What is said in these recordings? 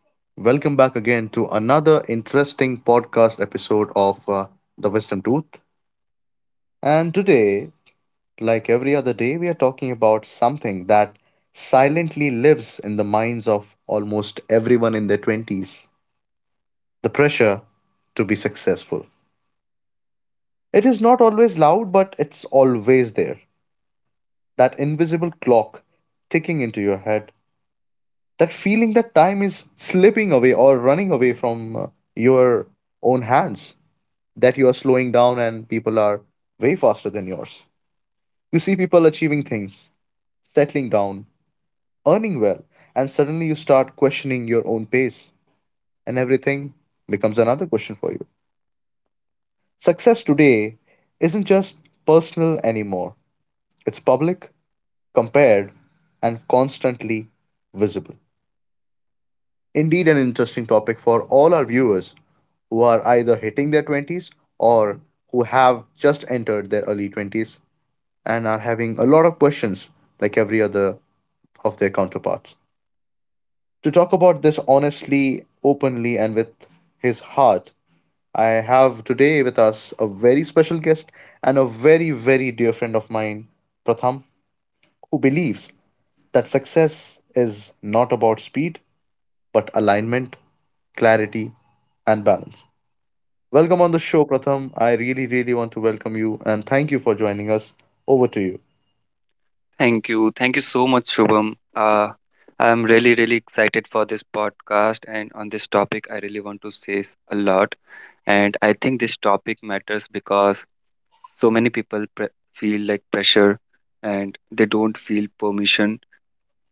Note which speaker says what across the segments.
Speaker 1: Welcome back again to another interesting podcast episode of The Wisdom Tooth. And today, like every other day, we are talking about something that silently lives in the minds of almost everyone in their 20s, the pressure to be successful. It is not always loud, but it's always there. That invisible clock ticking into your head, that feeling that time is slipping away or running away from your own hands, that you are slowing down and people are way faster than yours. You see people achieving things, settling down, earning well, and suddenly you start questioning your own pace, and everything becomes another question for you. Success today isn't just personal anymore, it's public, compared, and constantly visible. Indeed, an interesting topic for all our viewers who are either hitting their 20s or who have just entered their early 20s and are having a lot of questions like every other of their counterparts. To talk about this honestly, openly, and with his heart, I have today with us a very special guest and a very, very dear friend of mine, Pratham, who believes that success is not about speed, but alignment, clarity, and balance. Welcome on the show, Pratham. I really, really want to welcome you and thank you for joining us. Over to you.
Speaker 2: Thank you. Thank you so much, Shubham. I'm really excited for this podcast. And on this topic, I really want to a lot. And I think this topic matters because so many people feel like pressure and they don't feel permission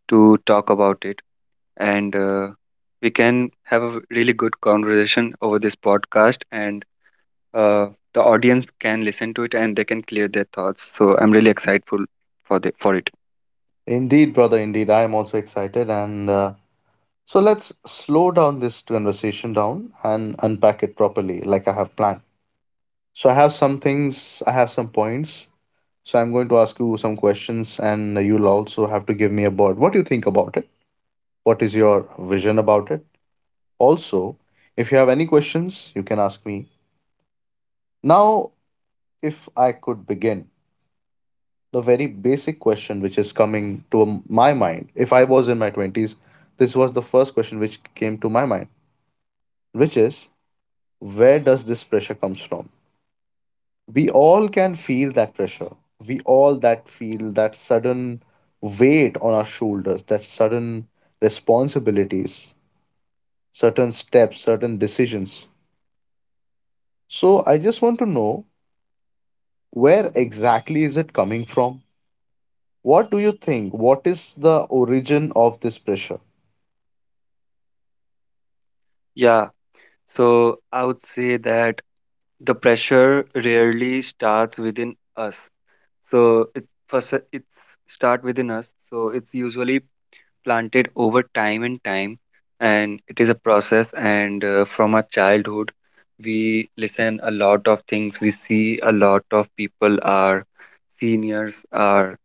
Speaker 2: to talk about it. And We can have a really good conversation over this podcast. And uh, the audience can listen to it and they can clear their thoughts. So I'm really excited for it.
Speaker 1: Indeed, brother, indeed. I am also excited. And so let's slow down this conversation down and unpack it properly, like I have planned. So I have some things, I have some points. So I'm going to ask you some questions, and you'll also have to give me a board. What do you think about it? What is your vision about it? Also, if you have any questions, you can ask me. Now, if I could begin, the very basic question which is coming to my mind, if I was in my 20s, this was the first question which came to my mind, which is, where does this pressure comes from? We all can feel that pressure. We all that feel that sudden weight on our shoulders, that sudden responsibilities, certain steps, certain decisions. So I just want to know, where exactly is it coming from? What do you think? What is the origin of this pressure?
Speaker 2: Yeah. So I would say that the pressure rarely starts within us. So it first it's start within us. So it's usually planted over time and time, and it is a process. And From our childhood, we listen a lot of things. We see a lot of people, our seniors, our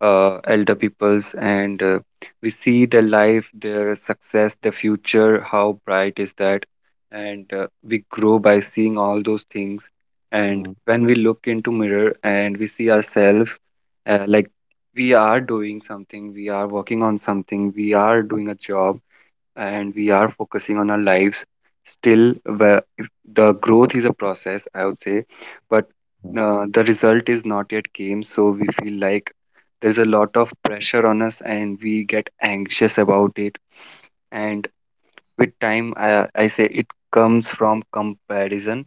Speaker 2: elder peoples, and we see their life, their success, their future, how bright is that, and we grow by seeing all those things. And
Speaker 1: Mm,
Speaker 2: when we look into mirror and we see ourselves, like, we are doing something, we are working on something, we are doing a job, and we are focusing on our lives, still where if the growth is a process, I would say, but
Speaker 1: mm,
Speaker 2: the result is not yet came, so we feel like there's a lot of pressure on us and we get anxious about it. And with time, I say it comes from comparison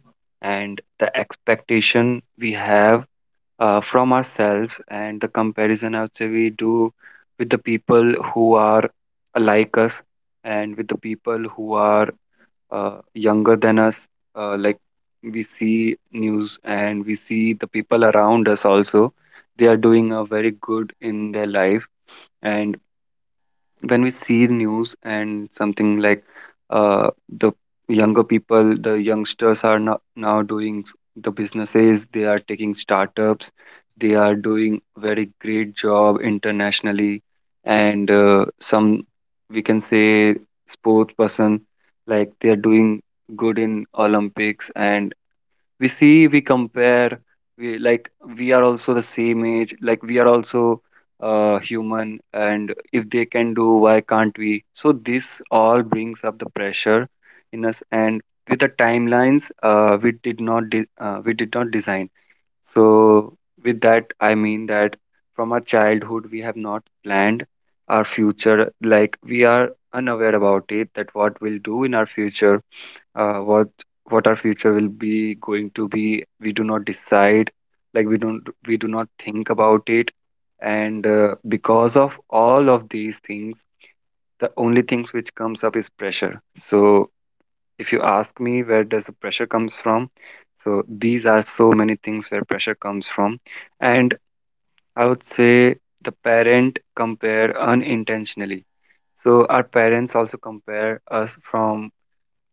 Speaker 2: and the expectation we have from ourselves. And the comparison, I would say, we do with the people who are like us, and with the people who are younger than us. Like, we see news and we see the people around us also, they are doing a very good in their life. And when we see the news and something like, the younger people, the youngsters are now doing the businesses, they are taking startups, they are doing very great job internationally, and some, we can say, sports person, like they are doing good in Olympics. And we see, we compare, we like, we are also the same age, like we are also human, and if they can do, why can't we? So this all brings up the pressure in us. And with the timelines we did not design. So with that, I mean that from our childhood we have not planned our future, like we are unaware about it, that what we'll do in our future, uh, what what our future will be going to be, we do not decide, like we do not think about it. And Because of all of these things, the only things which comes up is pressure. So if you ask me, where does the pressure comes from, so these are so many things where pressure comes from. And I would say the parent compare unintentionally, so our parents also compare us from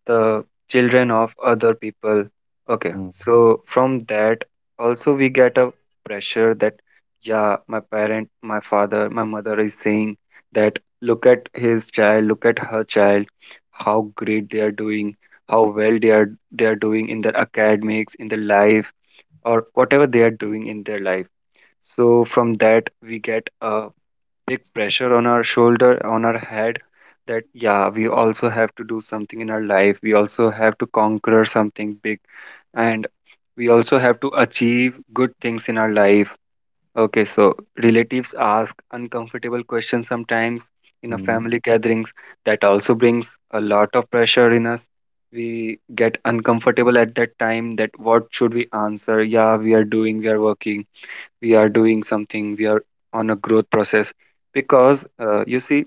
Speaker 2: the children of other people. Okay,
Speaker 1: mm,
Speaker 2: so from that also we get a pressure that, yeah, my parent, my father, my mother is saying that, look at his child, look at her child, how great they are doing, how well they are doing in their academics, in their life, or whatever they are doing in their life. So from that we get a big pressure on our shoulder, on our head, that, yeah, we also have to do something in our life. We also have to conquer something big, and we also have to achieve good things in our life. Okay, so relatives ask uncomfortable questions sometimes in a
Speaker 1: mm.
Speaker 2: family gatherings. That also brings a lot of pressure in us. We get uncomfortable at that time, that what should we answer? Yeah, we are doing, we are working, we are doing something, we are on a growth process. Because you see,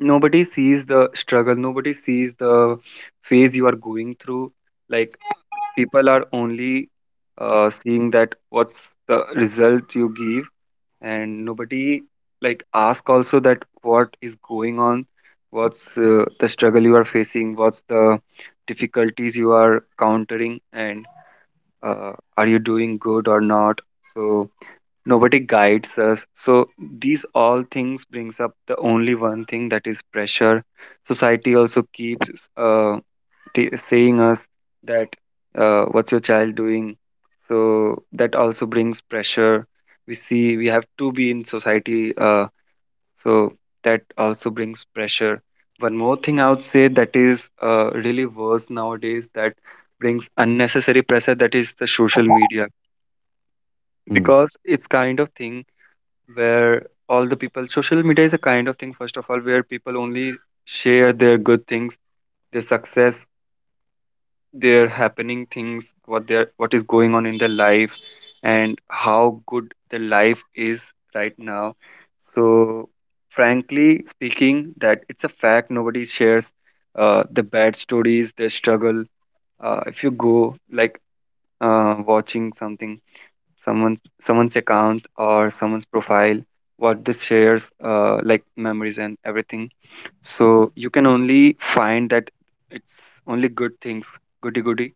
Speaker 2: nobody sees the struggle, nobody sees the phase you are going through. Like, people are only seeing that what's the result you give, and nobody like ask also that what is going on, what's the struggle you are facing, what's the difficulties you are countering, and uh, are you doing good or not. So nobody guides us, so these all things brings up the only one thing, that is pressure. Society also keeps saying us that, what's your child doing? So that also brings pressure. We see we have to be in society, so that also brings pressure. One more thing I would say, that is really worse nowadays, that brings unnecessary pressure, that is the social media.
Speaker 1: Hmm.
Speaker 2: Because it's kind of thing where all the people, social media is a kind of thing, first of all, where people only share their good things, their success, their happening things, what their, what is going on in their life, and how good the life is right now. So, frankly speaking, that it's a fact, nobody shares the bad stories, their struggle. If you go like watching something, someone's account or someone's profile, what this shares, like memories and everything, so you can only find that it's only good things, goody goody.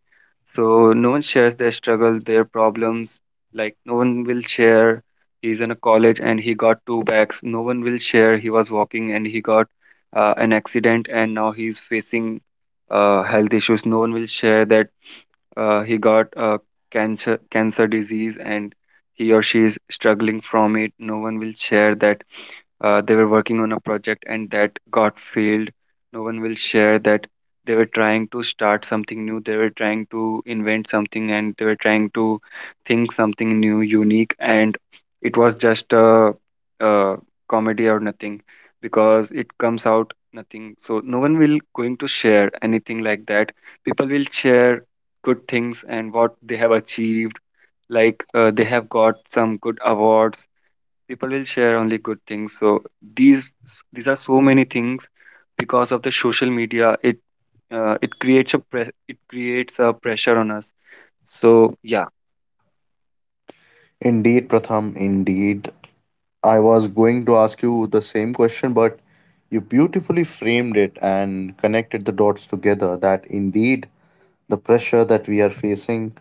Speaker 2: So no one shares their struggle, their problems. Like no one will share he's in a college and he got two bags, no one will share he was walking and he got an accident and now he's facing health issues, no one will share that he got a cancer disease and he or she is struggling from it, no one will share that, they were working on a project and that got failed, no one will share that they were trying to start something new, they were trying to invent something, and they were trying to think something new unique, and it was just a comedy or nothing, because it comes out nothing. So no one will going to share anything like that. People will share good things and what they have achieved. Like they have got some good awards. People will share only good things. So these these are so many things because of the social media. It creates a pressure on us. So yeah.
Speaker 1: Indeed, Pratham, indeed. I was going to ask you the same question, but you beautifully framed it and connected the dots together, that indeed the pressure that we are facing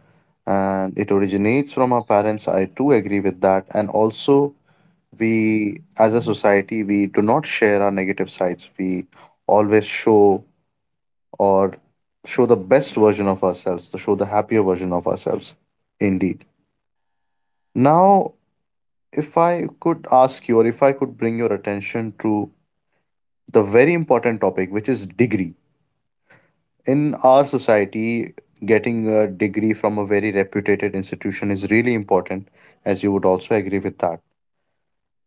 Speaker 1: and it originates from our parents. I too agree with that. And also, we as a society, we do not share our negative sides. We always show, or show the best version of ourselves, to show the happier version of ourselves. Indeed. Now, if I could ask you, or if I could bring your attention to the very important topic, which is degree. In our society, getting a degree from a very reputed institution is really important, as you would also agree with that.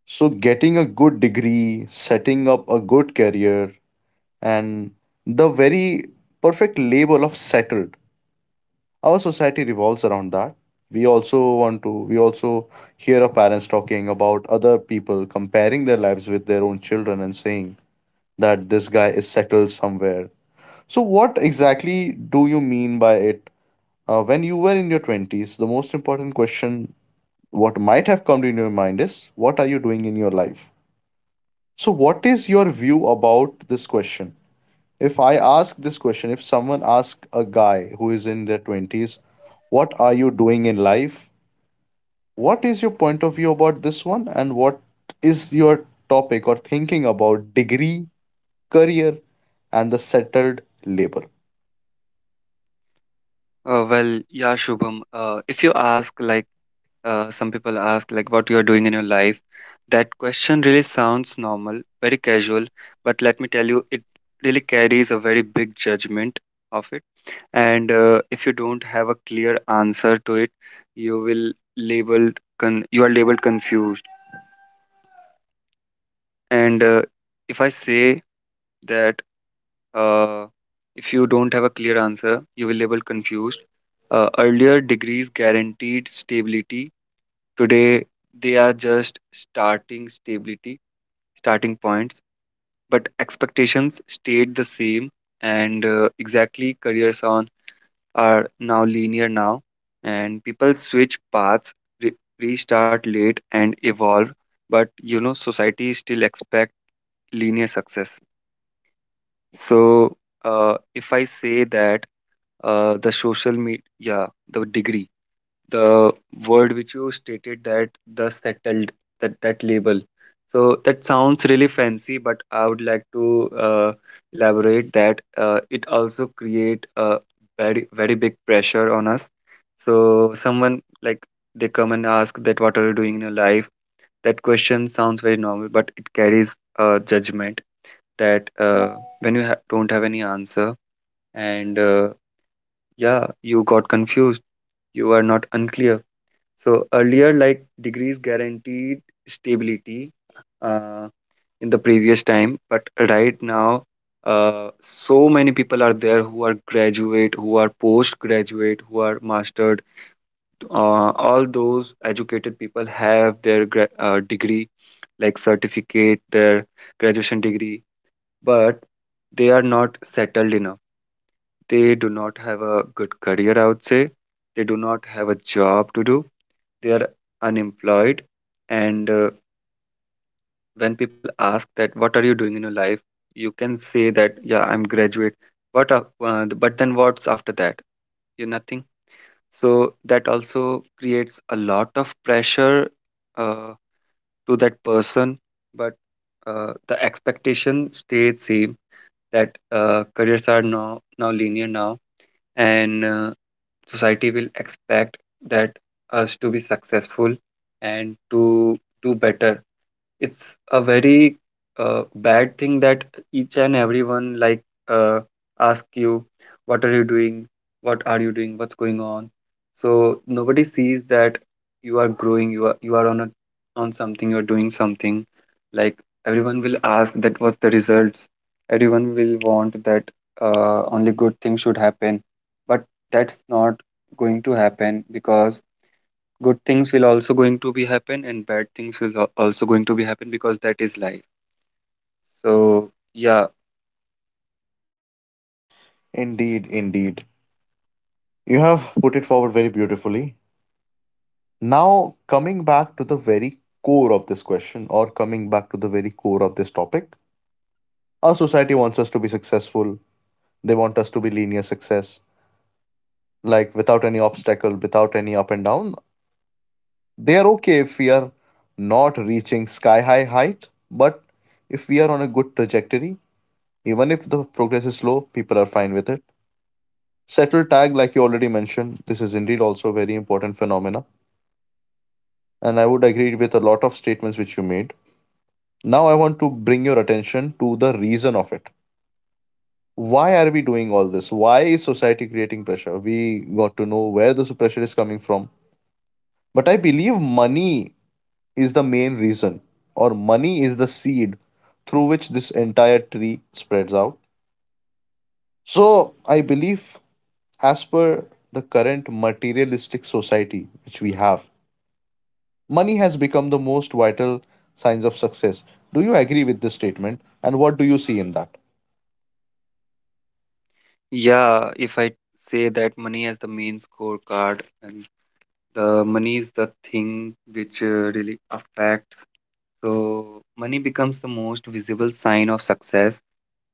Speaker 1: So, getting a good degree, setting up a good career, and the very perfect label of settled, our society revolves around that. We also want to, we also hear our parents talking about other people comparing their lives with their own children and saying that this guy is settled somewhere. So what exactly do you mean by it? When you were in your 20s, the most important question what might have come to your mind is, what are you doing in your life? So what is your view about this question? If I ask this question, if someone asks a guy who is in their 20s, what are you doing in life? What is your point of view about this one? And what is your topic or thinking about degree, career, and the settled labor?
Speaker 2: Well, yeah, Shubham. If you ask, like, some people ask, like, what you are doing in your life. That question really sounds normal, very casual, but let me tell you, it really carries a very big judgment of it. And if you don't have a clear answer to it, so, if I say that the social media, yeah, the degree, the word which you stated, that the settled, that label. So that sounds really fancy, but I would like to elaborate that it also create a very very big pressure on us. So someone like, they come and ask that, what are you doing in your life? That question sounds very normal, but it carries judgment, that when you don't have any answer, and yeah, you got confused, you are not unclear. So earlier, like, degrees guaranteed stability uh, in the previous time, but right now so many people are there who are graduate, who are postgraduate, who are mastered, all those educated people have their degree, like certificate, their graduation degree, but they are not settled enough. They do not have a good career, I would say. They do not have a job to do. They are unemployed. And when people ask that, what are you doing in your life? You can say that, yeah, I'm graduate. But then what's after that? You nothing. So that also creates a lot of pressure uh, to that person. But the expectation stays same that careers are now linear now, and society will expect that us to be successful and to do better. It's a very bad thing that each and everyone ask you, what are you doing, what are you doing, what's going on? So nobody sees that you are growing, you are on a on something, you are doing something. Like, everyone will ask that what's the results. Everyone will want that only good things should happen. But that's not going to happen, because good things will also going to be happen and bad things will also going to be happen, because that is life. So yeah.
Speaker 1: Indeed, indeed. You have put it forward very beautifully. Now, coming back to the very core of this question, or coming back to the very core of this topic, our society wants us to be successful, they want us to be linear success, like without any obstacle, without any up and down. They are okay if we are not reaching sky high height, but if we are on a good trajectory, even if the progress is slow, people are fine with it. Settle tag, like you already mentioned, this is indeed also a very important phenomena, and I would agree with a lot of statements which you made. Now I want to bring your attention to the reason of it. Why are we doing all this? Why is society creating pressure? We got to know where this pressure is coming from. But I believe money is the main reason, or money is the seed through which this entire tree spreads out. So, I believe, as per the current materialistic society which we have, money has become the most vital signs of success. Do you agree with this statement? And what do you see in that?
Speaker 2: Yeah, if I say that money as the main scorecard, and the money is the thing which really affects. So money becomes the most visible sign of success.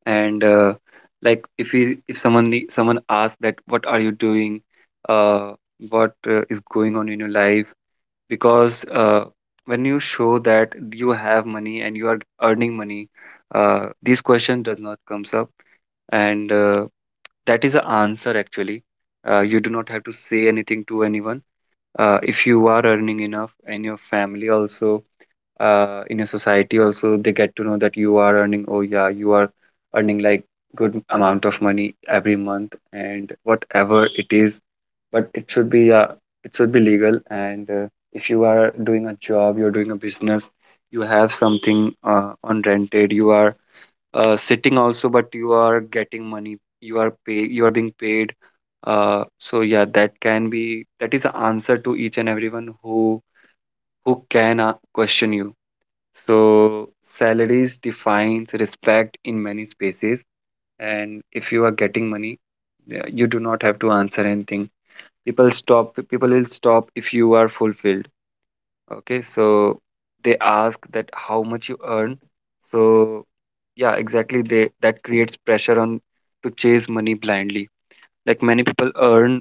Speaker 2: And like if someone someone asks that, what are you doing, uh, what is going on in your life? Because when you show that you have money and you are earning money, these questions does not comes up. And that is the answer, actually. You do not have to say anything to anyone. If you are earning enough and your family also, in your society also, they get to know that you are earning. Oh yeah, you are earning like good amount of money every month, and whatever it is, but it should be legal. And if you are doing a job, you're doing a business, you have something on rented. You are sitting also, but you are getting money. You are pay. You are being paid. So yeah, that can be that is the answer to each and everyone who can question you. So salaries defines respect in many spaces, and if you are getting money, yeah, you do not have to answer anything. People will stop if you are fulfilled. Okay, so they ask that how much you earn. So yeah, exactly, they that creates pressure on to chase money blindly. Like, many people earn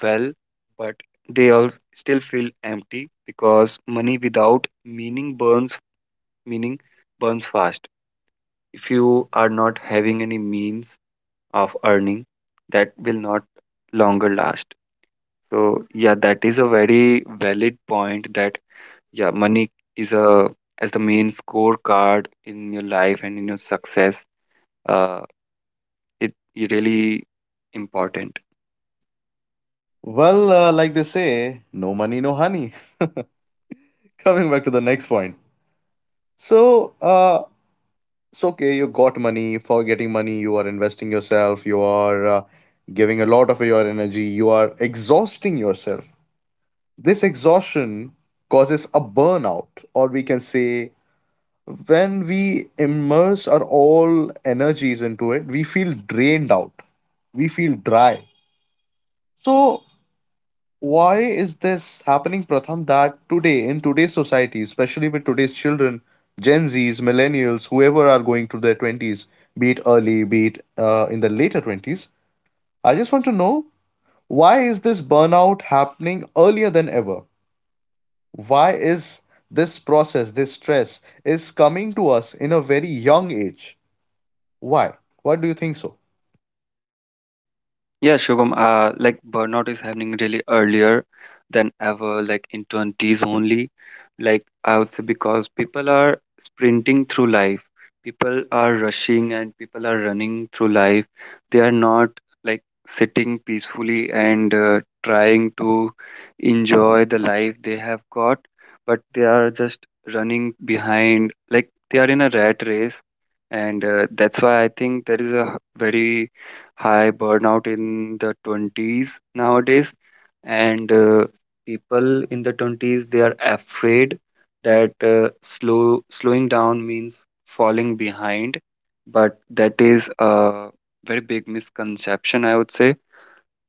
Speaker 2: well, but they also still feel empty, because money without meaning burns. Meaning burns fast. If you are not having any means of earning, that will not longer last. So yeah, that is a very valid point that, yeah, money is a as the main scorecard in your life and in your success. Uh, it really important.
Speaker 1: Well, like they say, no money, no honey. Coming back to the next point. So, it's okay, you got money. For getting money you are investing yourself, you are giving a lot of your energy, you are exhausting yourself. This exhaustion causes a burnout, or we can say when we immerse our all energies into it we feel drained out, we feel dry. So why is this happening, Pratham, that today, in today's society, especially with today's children, Gen Zs, millennials, whoever are going to their 20s, be it early, be it in the later 20s, I just want to know, why is this burnout happening earlier than ever? Why is this process, this stress, is coming to us in a very young age? Why? Why do you think so?
Speaker 2: Yeah, Shubham, like burnout is happening really earlier than ever, like in 20s only. Like, I would say because people are sprinting through life. People are rushing and people are running through life. They are not like sitting peacefully and trying to enjoy the life they have got, but they are just running behind, like they are in a rat race. And that's why I think there is a very high burnout in the 20s nowadays. And people in the 20s, they are afraid that slowing down means falling behind. But that is a very big misconception, I would say.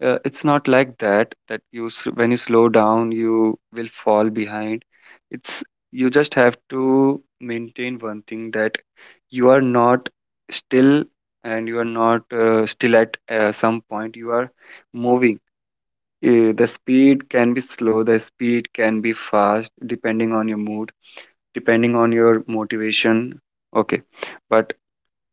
Speaker 2: It's not like that, that you when you slow down you will fall behind. It's, you just have to maintain one thing, that you are not still, and you are not still at some point, you are moving. The speed can be slow, the speed can be fast, depending on your mood, depending on your motivation. Okay? But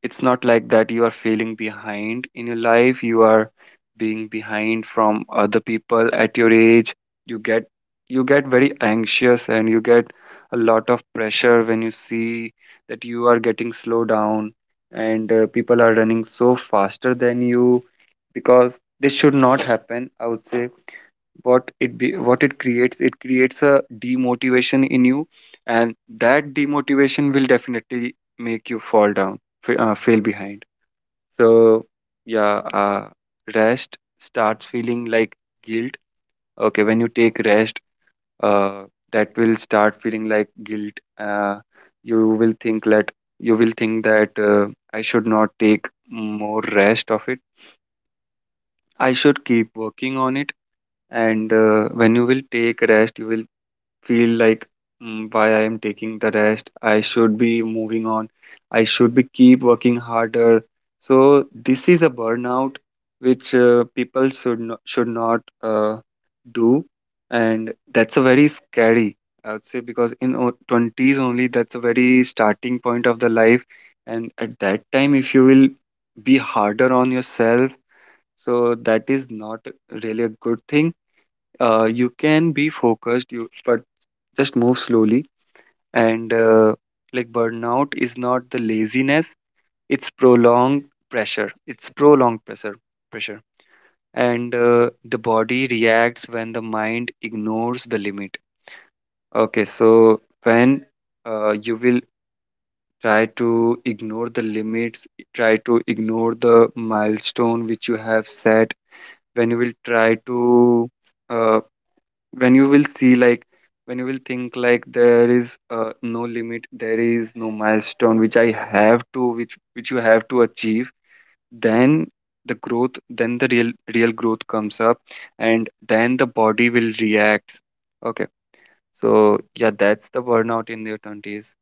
Speaker 2: it's not like that you are feeling behind in your life, you are being behind from other people at your age. you get you get very anxious and you get a lot of pressure when you see that you are getting slow down and people are running so faster than you. Because this should not happen, I would say. What it creates, it creates a demotivation in you, and that demotivation will definitely make you fall down fail behind. So yeah, rest starts feeling like guilt. Okay, when you take rest, uh, that will start feeling like guilt. You will think that you will think that I should not take more rest of it, I should keep working on it. And when you will take rest, you will feel like, why I am taking the rest. I should be moving on. I should be keep working harder. So this is a burnout which people should not do, and that's a very scary, I would say, because in 20s only, that's a very starting point of the life, and at that time if you will be harder on yourself, so that is not really a good thing. You can be focused, you but just move slowly. And like burnout is not the laziness, it's prolonged pressure. It's prolonged pressure. And the body reacts when the mind ignores the limit. Okay, so when you will try to ignore the limits, try to ignore the milestone which you have set, when you will try to uh, when you will see like when you will think like, there is no limit, there is no milestone which I have to which you have to achieve. Then the growth, then the real growth comes up, and then the body will react. Okay? So yeah, that's the burnout in their 20s.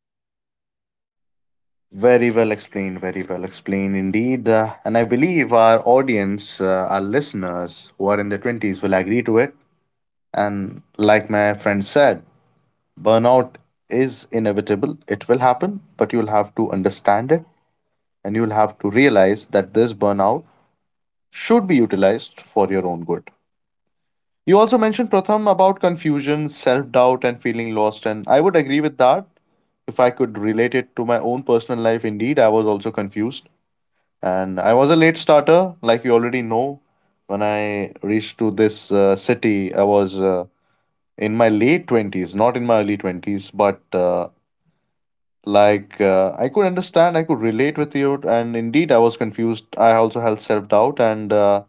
Speaker 1: Very well explained indeed. And I believe our audience, our listeners who are in their 20s, will agree to it. And like my friend said, burnout is inevitable. It will happen, but you'll have to understand it, and you'll have to realize that this burnout should be utilized for your own good. You also mentioned, Pratham, about confusion, self doubt, and feeling lost. And I would agree with that. If I could relate it to my own personal life, indeed, I was also confused. And I was a late starter, like you already know. When I reached to this city, I was in my late 20s, not in my early 20s, but like I could understand, I could relate with you, and indeed I was confused. I also had self-doubt, and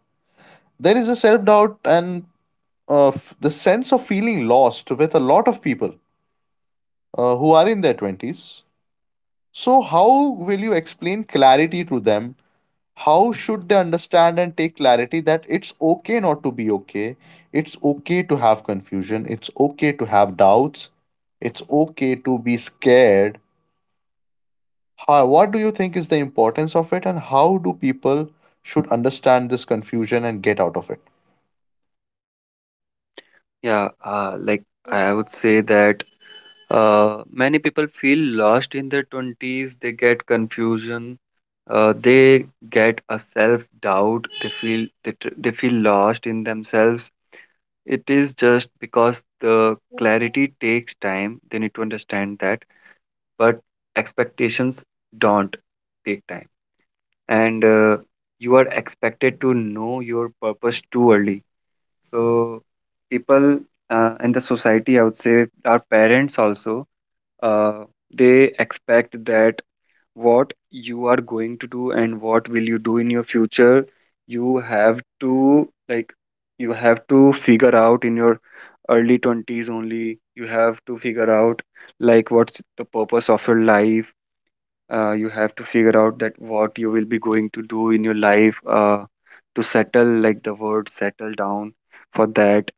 Speaker 1: there is a self-doubt and the sense of feeling lost with a lot of people who are in their 20s. So, how will you explain clarity to them? How should they understand and take clarity that it's okay not to be okay? It's okay to have confusion, it's okay to have doubts, it's okay to be scared. How? What do you think is the importance of it, and how do people should understand this confusion and get out of it?
Speaker 2: Yeah, like, I would say that many people feel lost in their 20s, they get confusion, they get a self doubt, they feel they feel lost in themselves. It is just because the clarity takes time, they need to understand that. But expectations don't take time. And you are expected to know your purpose too early. So people in the society, I would say, our parents also, uh, they expect that what you are going to do and what will you do in your future. You have to like, you have to figure out in your early 20s only, you have to figure out like what's the purpose of your life. Uh, you have to figure out that what you will be going to do in your life, to settle, like the word settle down, for that.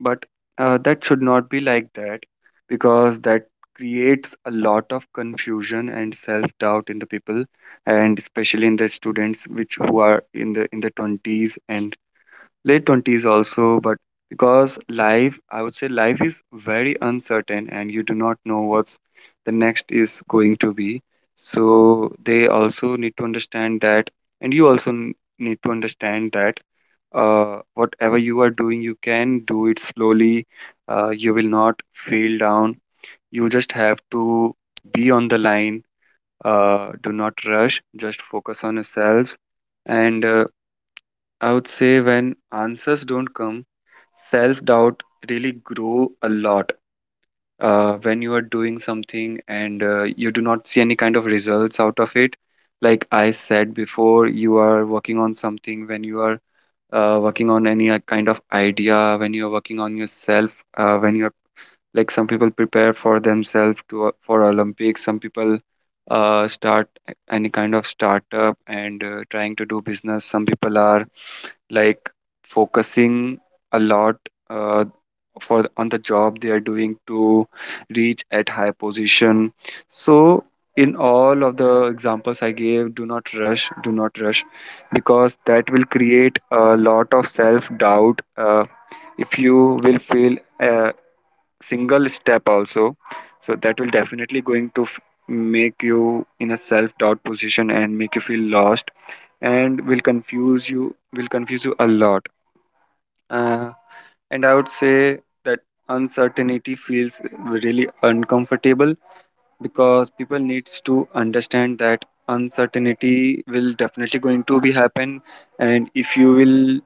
Speaker 2: But that should not be like that, because that creates a lot of confusion and self-doubt in the people, and especially in the students which who are in the 20s and late 20s also. But because life, I would say life is very uncertain and you do not know what's the next is going to be. So they also need to understand that, and need to understand that whatever you are doing, you can do it slowly. You will not feel down. You just have to be on the line. Do not rush. Just focus on yourself. And I would say when answers don't come, self doubt really grow a lot. When you are doing something and you do not see any kind of results out of it, like I said before, you are working on something, when you are working on any kind of idea, when you're working on yourself, when you're like, some people prepare for themselves to for Olympics, some people any kind of startup and trying to do business. Some people are like focusing a lot. Uh, for on the job they are doing to reach at high position. So in all of the examples I gave, do not rush, do not rush, because that will create a lot of self doubt. If you will fail a single step also, so that will definitely going to make you in a self doubt position and make you feel lost, and will confuse you, will confuse you a lot. Uh, and I would say that uncertainty feels really uncomfortable, because people needs to understand that uncertainty will definitely going to be happen. And if you will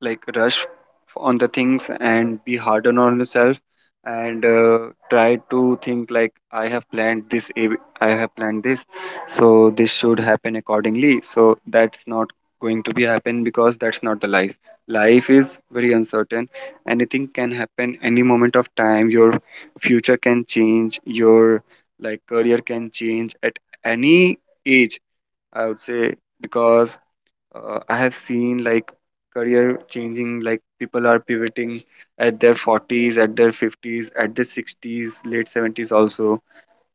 Speaker 2: like rush on the things and be harder on yourself, and try to think like, I have planned I have planned this, so this should happen accordingly. So that's not going to be happen, because that's not the life. Life is very uncertain, anything can happen any moment of time. Your future can change, your like career can change at any age, I would say, because I have seen like career changing, like people are pivoting at their 40s, at their 50s, at their 60s, late 70s also.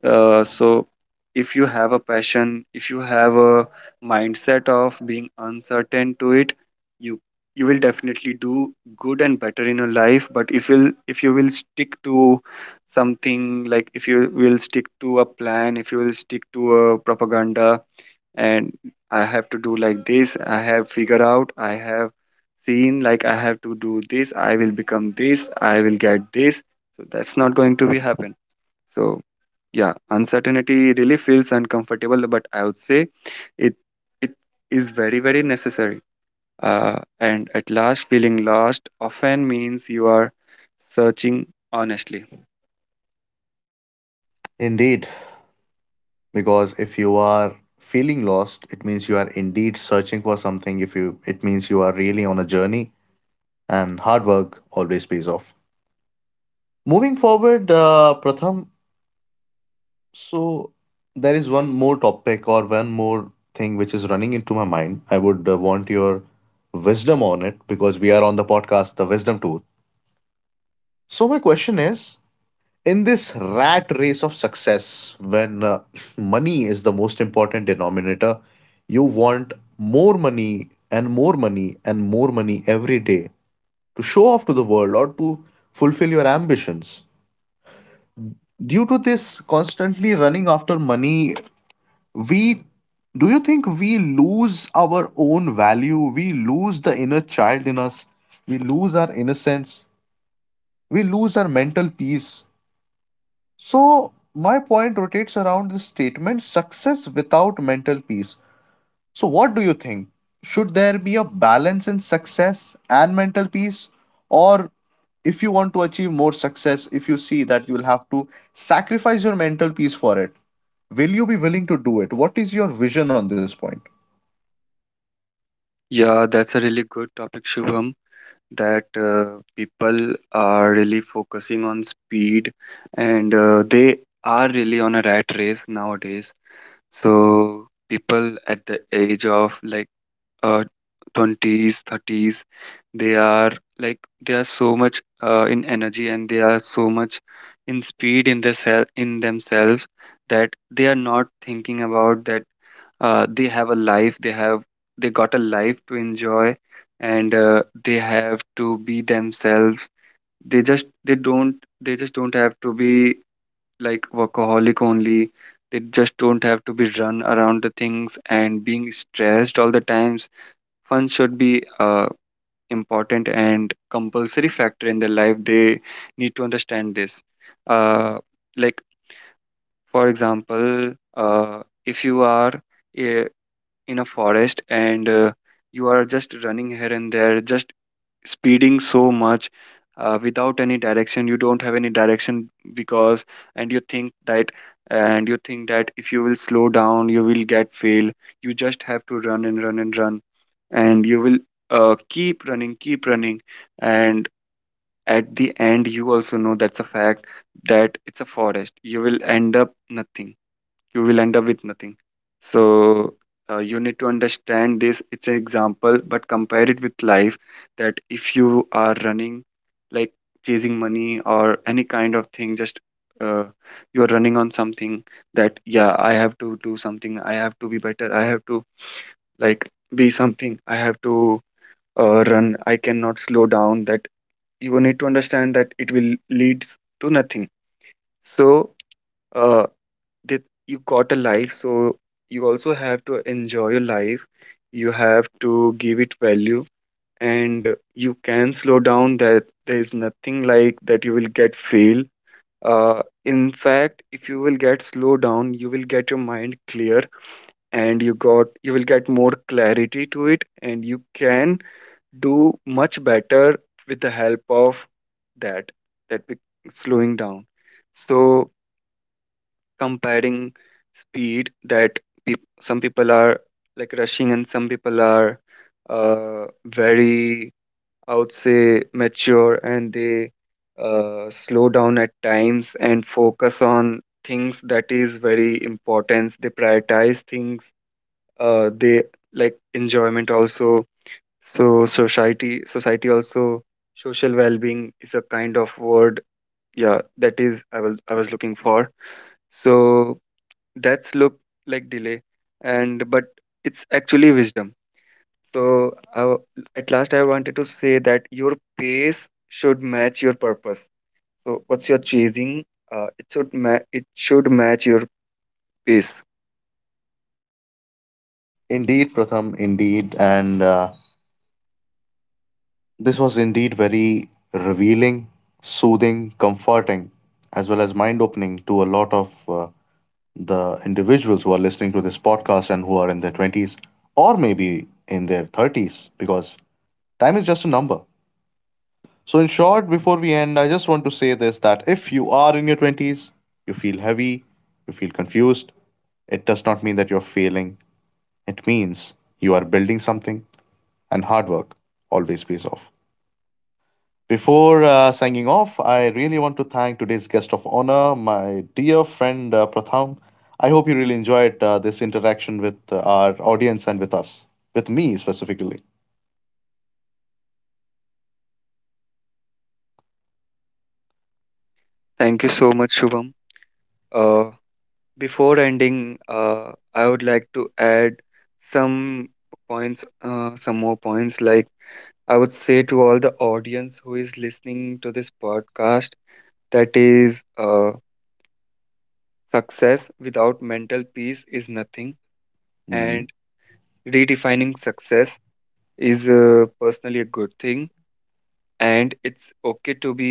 Speaker 2: Uh, so if you have a passion, if you have a mindset of being uncertain to it, you you will definitely do good and better in your life. But if you will stick to something, like if you will stick to a plan, if you will stick to a propaganda, and, I have to do like this, I have figured out, I have seen like I have to do this, I will become this, I will get this. So that's not going to be happen. So yeah, uncertainty really feels uncomfortable, but I would say it it is very very necessary. Uh, and at last, feeling lost often means you are searching, honestly.
Speaker 1: Indeed, because if you are feeling lost, it means you are indeed searching for something. If you, it means you are really on a journey, and hard work always pays off. Moving forward, Pratham, so there is one more topic, or one more thing which is running into my mind. I would want your wisdom on it, because we are on the podcast, The Wisdom Tour. So my question is, in this rat race of success, when money is the most important denominator, you want more money and more money and more money every day to show off to the world or to fulfill your ambitions. Due to this constantly running after money, we do you think we lose our own value, we lose the inner child in us, we lose our innocence, we lose our mental peace? So my point rotates around this statement: success without mental peace. So what do you think, should there be a balance in success and mental peace? Or if you want to achieve more success, if you see that you'll have to sacrifice your mental peace for it, will you be willing to do it? What is your vision on this point?
Speaker 2: Yeah, that's a really good topic, Shubham, that people are really focusing on speed. And they are really on a rat race nowadays. So people at the age of, like, uh, 20s 30s, they are, like, they are so much in energy, and they are so much in speed in their in themselves, that they are not thinking about that they have a life, they got a life to enjoy. And they have to be themselves. They just they don't they just don't have to be, like, workaholic only. They just don't have to be run around the things and being stressed all the time. Fun should be a important and compulsory factor in their life. They need to understand this. uh, like, for example, uh, if you are in a forest, and you are just running here and there, just speeding so much, without any direction. You don't have any direction, because, and you think that and you think that if you will slow down you will get fail. You just have to run and run and run, and you will keep running, keep running, and at the end you also know that's a fact, that it's a forest, you will end up nothing, you will end up with nothing. So you need to understand this, it's an example, but compare it with life, that if you are running, like, chasing money or any kind of thing. Just uh, you are running on something, that, yeah, I have to do something, I have to be better, I have to, like, be something, I have to run, I cannot slow down. That you need to understand that it will leads to nothing. So uh, that you got a life, so you also have to enjoy your life. You have to give it value. And you can slow down, that there is nothing like that you will get fail. In fact, if you will get slow down you will get your mind clear, and you got, you will get more clarity to it, and you can do much better with the help of that, that we slowing down. So, comparing speed, that peop some people are, like, rushing, and some people are very, I would say, mature, and they slow down at times and focus on things that is very important. They prioritize things. They, like, enjoyment also. So society also, social well-being is a kind of word. Yeah, that is, I was looking for. So that's look like delay, and but it's actually wisdom. So at last I wanted to say that your pace should match your purpose. So what's your chasing? It should match your pace.
Speaker 1: Indeed, Pratham, indeed. And this was indeed very revealing, soothing, comforting, as well as mind opening to a lot of the individuals who are listening to this podcast and who are in their 20s or maybe in their 30s, because time is just a number. So, in short, before we end, I just want to say this, that if you are in your 20s, you feel heavy, you feel confused, it does not mean that you're failing. It means you are building something, and hard work always pays off. Before signing off, I really want to thank today's guest of honor, my dear friend Pratham. I hope you really enjoyed this interaction with our audience and with us, with me specifically.
Speaker 2: Thank you so much, Shubham. Uh, Before ending, I would like to add some some more points. Like, I would say to all the audience who is listening to this podcast, that is, success without mental peace is nothing, and
Speaker 1: Mhm.
Speaker 2: redefining success is, personally, a good thing. And it's okay to be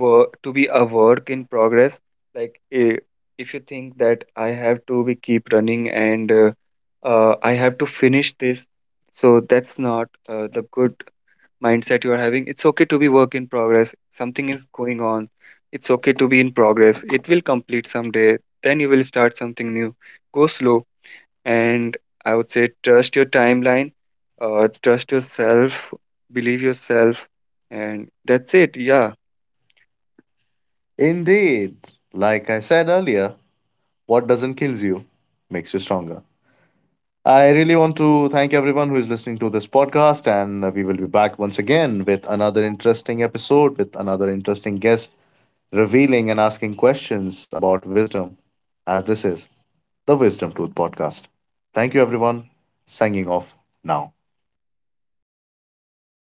Speaker 2: to be a work in progress. Like, if you think that I have to be keep running, and I have to finish this, so that's not the good mindset you are having. It's okay to be work in progress, something is going on. It's okay to be in progress, it will complete someday. Then you will start something new. Go slow, and I would say, trust your timeline, trust yourself, believe yourself, and that's it. Yeah.
Speaker 1: Indeed, like I said earlier, what doesn't kill you makes you stronger. I really want to thank everyone who is listening to this podcast, and we will be back once again with another interesting episode with another interesting guest revealing and asking questions about wisdom, as this is the Wisdom Tooth Podcast. Thank you, everyone. Signing off now.